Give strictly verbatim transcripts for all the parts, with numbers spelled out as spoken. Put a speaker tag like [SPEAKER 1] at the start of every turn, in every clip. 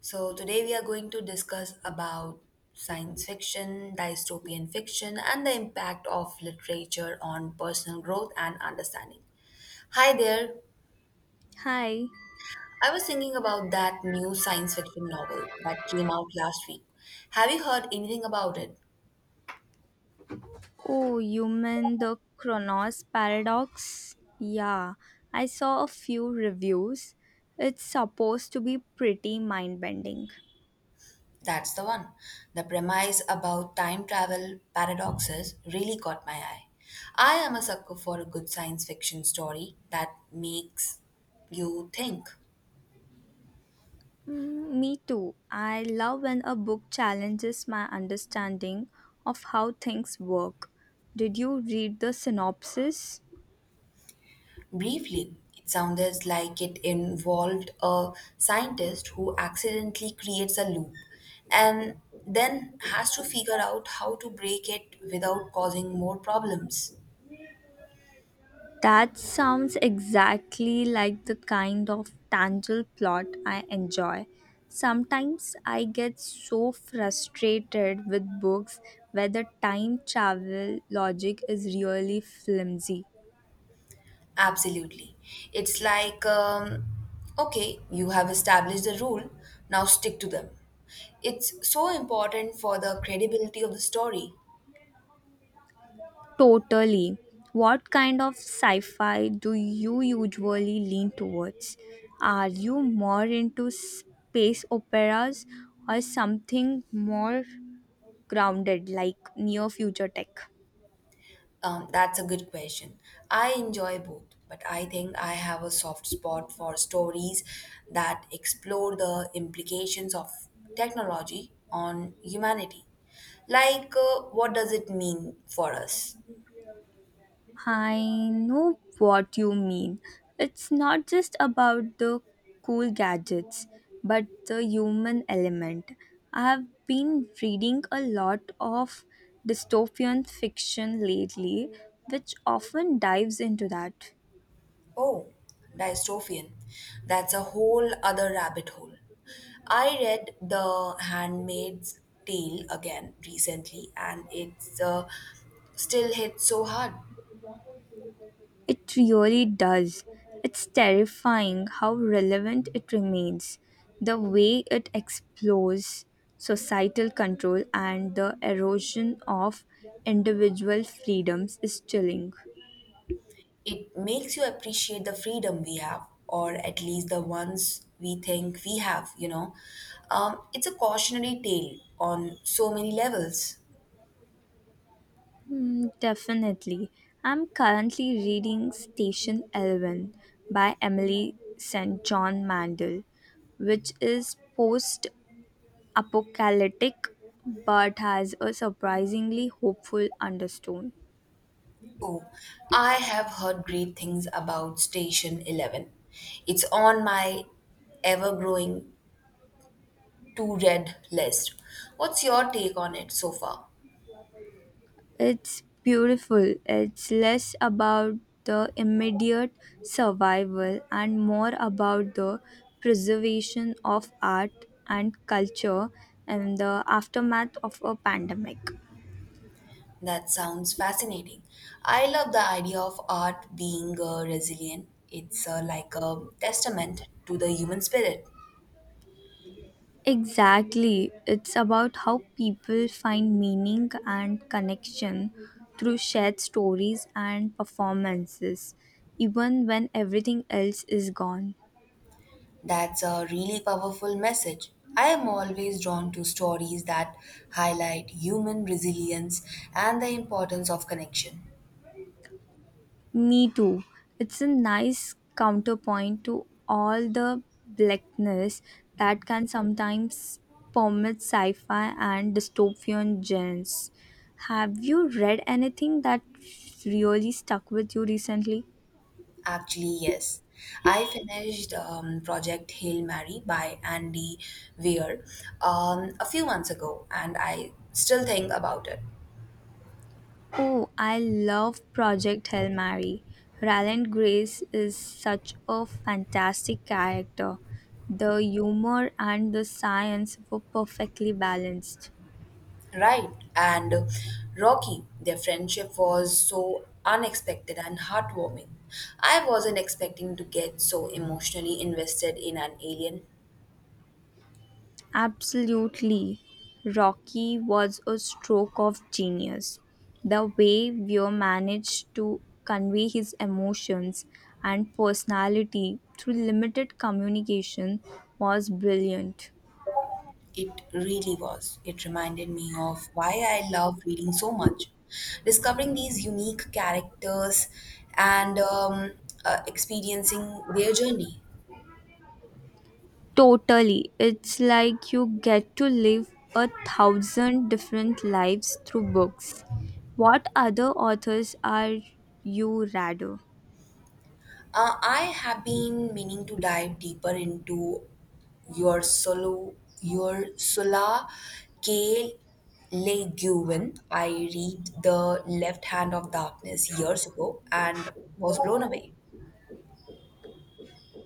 [SPEAKER 1] So today we are going to discuss about science fiction, dystopian fiction and the impact of literature on personal growth and understanding. Hi there.
[SPEAKER 2] Hi.
[SPEAKER 1] I was thinking about that new science fiction novel that came out last week. Have you heard anything about it?
[SPEAKER 2] Oh, you mean the Chronos paradox? Yeah, I saw a few reviews. It's supposed to be pretty mind bending.
[SPEAKER 1] That's the one. The premise about time travel paradoxes really caught my eye. I am a sucker for a good science fiction story that makes you think.
[SPEAKER 2] Mm, me too. I love when a book challenges my understanding of how things work. Did you read the synopsis?
[SPEAKER 1] Briefly, it sounded like it involved a scientist who accidentally creates a loop and then has to figure out how to break it without causing more problems.
[SPEAKER 2] That sounds exactly like the kind of tangle plot I enjoy. Sometimes I get so frustrated with books where the time travel logic is really flimsy.
[SPEAKER 1] Absolutely. It's like, um, okay, you have established the rule, now stick to them. It's so important for the credibility of the story.
[SPEAKER 2] Totally. What kind of sci fi do you usually lean towards? Are you more into space operas or something more grounded like near future tech?
[SPEAKER 1] Um, that's a good question. I enjoy both, but I think I have a soft spot for stories that explore the implications of technology on humanity. Like, uh, what does it mean for us?
[SPEAKER 2] I know what you mean. It's not just about the cool gadgets, but the human element. I've been reading a lot of dystopian fiction lately, which often dives into that.
[SPEAKER 1] Oh, dystopian. That's a whole other rabbit hole. I read The Handmaid's Tale again recently, and it's uh, still hit so hard.
[SPEAKER 2] It really does. It's terrifying how relevant it remains, the way it explores societal control and the erosion of individual freedoms is chilling.
[SPEAKER 1] It makes you appreciate the freedom we have, or at least the ones we think we have, you know. Um, it's a cautionary tale on so many levels.
[SPEAKER 2] Hmm, definitely. I'm currently reading Station Elven by Emily Saint John Mandel, which is post apocalyptic but has a surprisingly hopeful undertone.
[SPEAKER 1] Oh, I have heard great things about Station eleven. It's on my ever growing to read list. What's your take on it so far?
[SPEAKER 2] It's beautiful. It's less about the immediate survival and more about the preservation of art and culture in the aftermath of a pandemic.
[SPEAKER 1] That sounds fascinating. I love the idea of art being uh, resilient. It's uh, like a testament to the human spirit.
[SPEAKER 2] Exactly. It's about how people find meaning and connection through shared stories and performances, even when everything else is gone.
[SPEAKER 1] That's a really powerful message. I am always drawn to stories that highlight human resilience and the importance of connection.
[SPEAKER 2] Me too. It's a nice counterpoint to all the blackness that can sometimes permeate sci-fi and dystopian genres. Have you read anything that really stuck with you recently?
[SPEAKER 1] Actually, yes. I finished um, Project Hail Mary by Andy Weir um, a few months ago, and I still think about it.
[SPEAKER 2] Oh, I love Project Hail Mary. Ryland Grace is such a fantastic character. The humor and the science were perfectly balanced.
[SPEAKER 1] Right. And Rocky, their friendship was so unexpected and heartwarming. I wasn't expecting to get so emotionally invested in an alien.
[SPEAKER 2] Absolutely. Rocky was a stroke of genius. The way Weir managed to convey his emotions and personality through limited communication was brilliant.
[SPEAKER 1] It really was. It reminded me of why I love reading so much. Discovering these unique characters and um, uh, experiencing their journey.
[SPEAKER 2] Totally. It's like you get to live a thousand different lives through books. What other authors are you rather?
[SPEAKER 1] Uh, I have been meaning to dive deeper into your solo, your Sola K. Le Guin. I read The Left Hand of Darkness years ago and was blown away.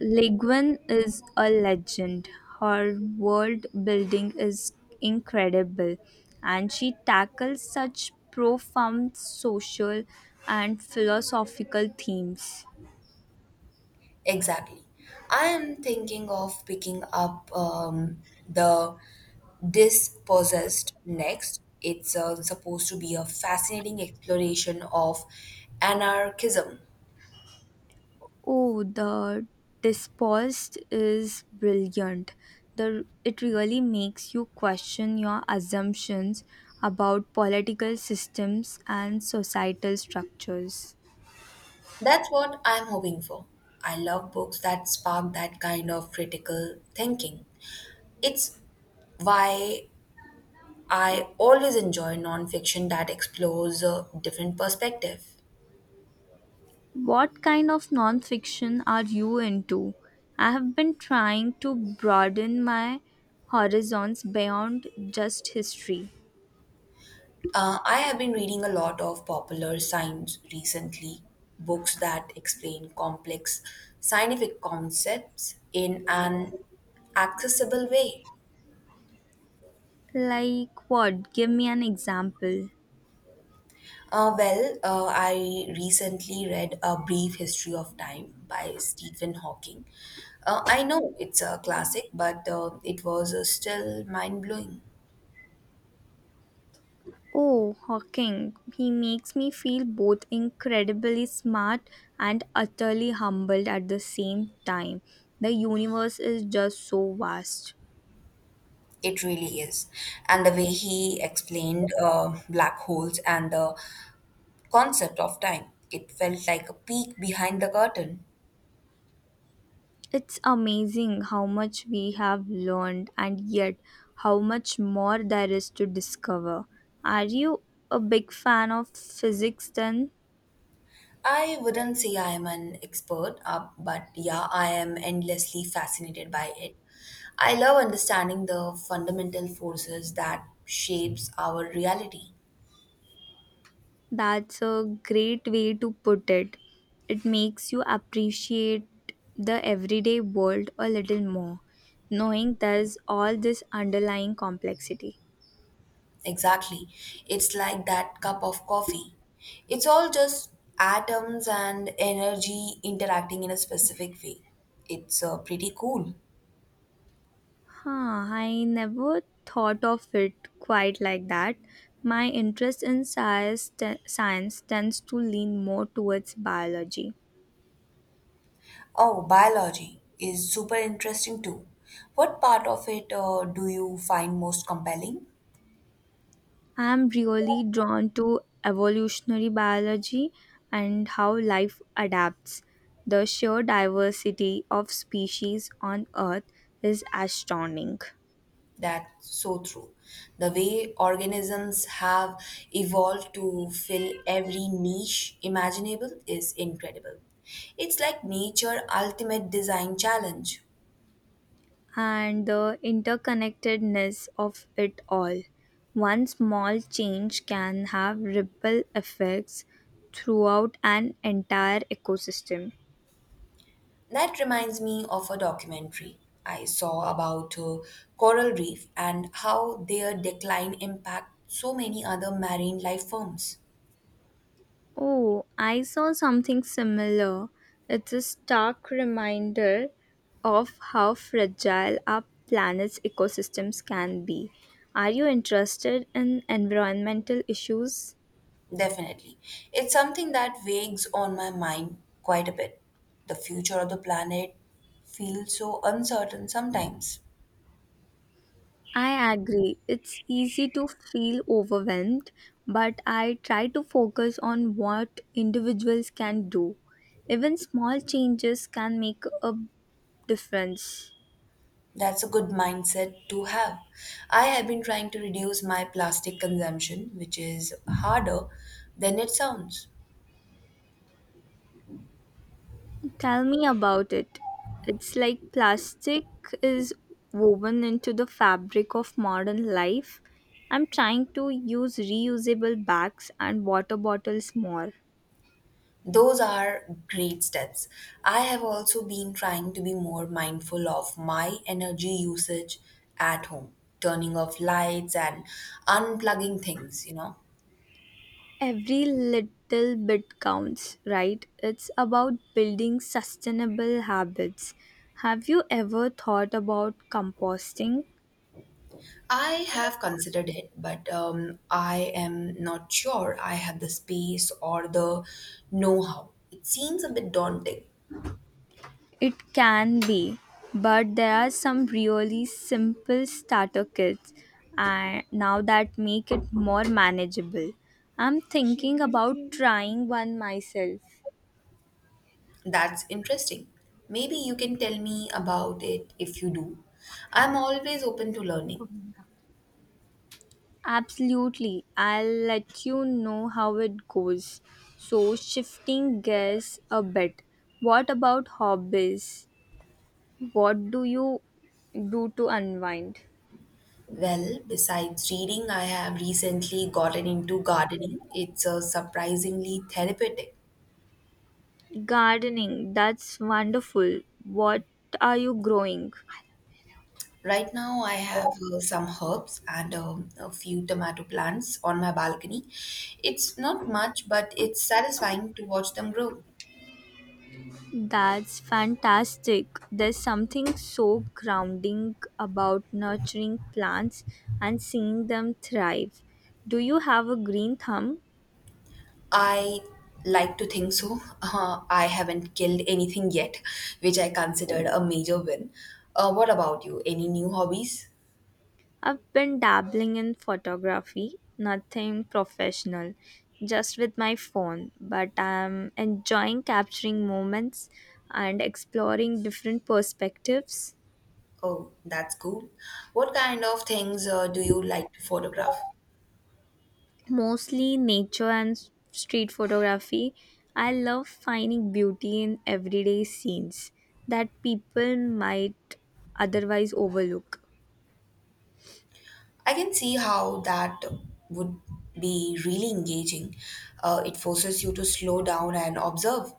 [SPEAKER 2] Ligwan is a legend. Her world building is incredible, and she tackles such profound social and philosophical themes.
[SPEAKER 1] Exactly. I am thinking of picking up um, the Dispossessed next. It's uh, supposed to be a fascinating exploration of anarchism.
[SPEAKER 2] Oh, the disposed is brilliant. The it really makes you question your assumptions about political systems and societal structures.
[SPEAKER 1] That's what I'm hoping for. I love books that spark that kind of critical thinking. It's why I always enjoy nonfiction that explores a different perspective.
[SPEAKER 2] What kind of nonfiction are you into? I have been trying to broaden my horizons beyond just history.
[SPEAKER 1] Uh, I have been reading a lot of popular science recently, books that explain complex scientific concepts in an accessible way.
[SPEAKER 2] Like what? Give me an example.
[SPEAKER 1] Uh, well, uh, I recently read A Brief History of Time by Stephen Hawking. Uh, I know it's a classic, but uh, it was uh, still mind blowing.
[SPEAKER 2] Oh, Hawking. He makes me feel both incredibly smart and utterly humbled at the same time. The universe is just so vast.
[SPEAKER 1] It really is. And the way he explained uh, black holes and the concept of time. It felt like a peek behind the curtain.
[SPEAKER 2] It's amazing how much we have learned and yet how much more there is to discover. Are you a big fan of physics then?
[SPEAKER 1] I wouldn't say I am an expert, uh, but yeah, I am endlessly fascinated by it. I love understanding the fundamental forces that shapes our reality.
[SPEAKER 2] That's a great way to put it. It makes you appreciate the everyday world a little more, knowing there's all this underlying complexity.
[SPEAKER 1] Exactly. It's like that cup of coffee. It's all just atoms and energy interacting in a specific way. It's uh, pretty cool.
[SPEAKER 2] Huh, I never thought of it quite like that. My interest in science, te- science tends to lean more towards biology.
[SPEAKER 1] Oh, biology is super interesting too. What part of it uh, do you find most compelling?
[SPEAKER 2] I am really drawn to evolutionary biology and how life adapts. The sheer diversity of species on Earth is astounding.
[SPEAKER 1] That's so true. The way organisms have evolved to fill every niche imaginable is incredible. It's like nature ultimate design challenge.
[SPEAKER 2] And the interconnectedness of it all. One small change can have ripple effects throughout an entire ecosystem.
[SPEAKER 1] That reminds me of a documentary I saw about uh, coral reef and how their decline impacts so many other marine life forms.
[SPEAKER 2] Oh, I saw something similar. It's a stark reminder of how fragile our planet's ecosystems can be. Are you interested in environmental issues?
[SPEAKER 1] Definitely. It's something that weighs on my mind quite a bit. The future of the planet feels so uncertain sometimes.
[SPEAKER 2] I agree. It's easy to feel overwhelmed, but I try to focus on what individuals can do. Even small changes can make a difference.
[SPEAKER 1] That's a good mindset to have. I have been trying to reduce my plastic consumption, which is harder than it sounds.
[SPEAKER 2] Tell me about it. It's like plastic is woven into the fabric of modern life. I'm trying to use reusable bags and water bottles more.
[SPEAKER 1] Those are great steps. I have also been trying to be more mindful of my energy usage at home, turning off lights and unplugging things, you know.
[SPEAKER 2] Every little bit counts, right? It's about building sustainable habits. Have you ever thought about composting?
[SPEAKER 1] I have considered it, but um, I am not sure I have the space or the know how. It seems a bit daunting.
[SPEAKER 2] It can be, but there are some really simple starter kits and now that make it more manageable. I'm thinking about trying one myself.
[SPEAKER 1] That's interesting. Maybe you can tell me about it if you do. I'm always open to learning.
[SPEAKER 2] Absolutely. I'll let you know how it goes. So, shifting gears a bit, what about hobbies? What do you do to unwind?
[SPEAKER 1] Well, besides reading, I have recently gotten into gardening. It's a surprisingly therapeutic.
[SPEAKER 2] Gardening, that's wonderful. What are you growing?
[SPEAKER 1] Right now, I have uh, some herbs and um, a few tomato plants on my balcony. It's not much, but it's satisfying to watch them grow.
[SPEAKER 2] That's fantastic. There's something so grounding about nurturing plants and seeing them thrive. Do you have a green thumb?
[SPEAKER 1] I like to think so. Uh, I haven't killed anything yet, which I considered a major win. Uh, what about you? Any new hobbies?
[SPEAKER 2] I've been dabbling in photography, nothing professional, just with my phone, but I'm enjoying capturing moments and exploring different perspectives,
[SPEAKER 1] Oh, that's cool. What kind of things uh, do you like to photograph?
[SPEAKER 2] mostly nature and s- street photography. I love finding beauty in everyday scenes that people might otherwise overlook.
[SPEAKER 1] I can see how that would be really engaging. Uh, it forces you to slow down and observe.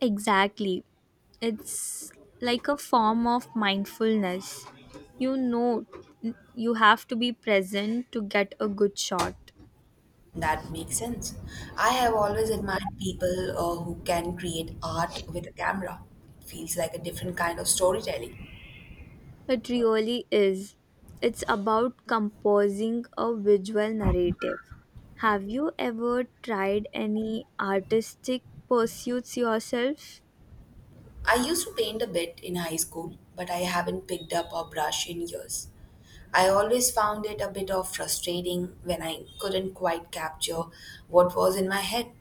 [SPEAKER 2] Exactly. It's like a form of mindfulness. You know, you have to be present to get a good shot.
[SPEAKER 1] That makes sense. I have always admired people uh, who can create art with a camera. It feels like a different kind of storytelling.
[SPEAKER 2] It really is. It's about composing a visual narrative. Have you ever tried any artistic pursuits yourself?
[SPEAKER 1] I used to paint a bit in high school, but I haven't picked up a brush in years. I always found it a bit of frustrating when I couldn't quite capture what was in my head.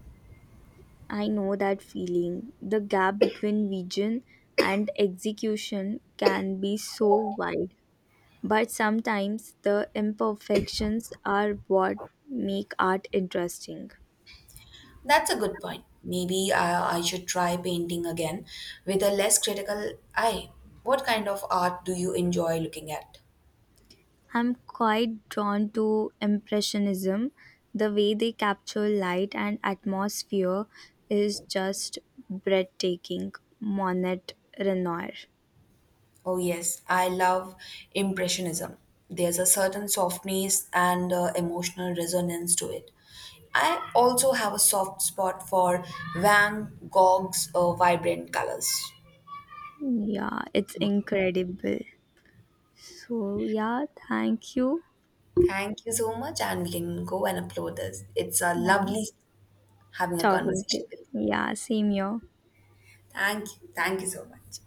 [SPEAKER 2] I know that feeling. The gap between vision and execution can be so wide. But sometimes the imperfections are what make art interesting.
[SPEAKER 1] That's a good point. Maybe I, I should try painting again with a less critical eye. What kind of art do you enjoy looking at?
[SPEAKER 2] I'm quite drawn to Impressionism. The way they capture light and atmosphere is just breathtaking. Monet, Renoir.
[SPEAKER 1] Oh, yes, I love Impressionism. There's a certain softness and uh, emotional resonance to it. I also have a soft spot for Van Gogh's uh, vibrant colors.
[SPEAKER 2] Yeah, it's
[SPEAKER 1] Okay.
[SPEAKER 2] incredible. So, yeah, thank you.
[SPEAKER 1] Thank you so much, and we can go and upload this. It's uh,
[SPEAKER 2] Yeah.
[SPEAKER 1] lovely having a
[SPEAKER 2] Talking to.
[SPEAKER 1] conversation with you.
[SPEAKER 2] Yeah, same here.
[SPEAKER 1] Thank you. Thank you so much.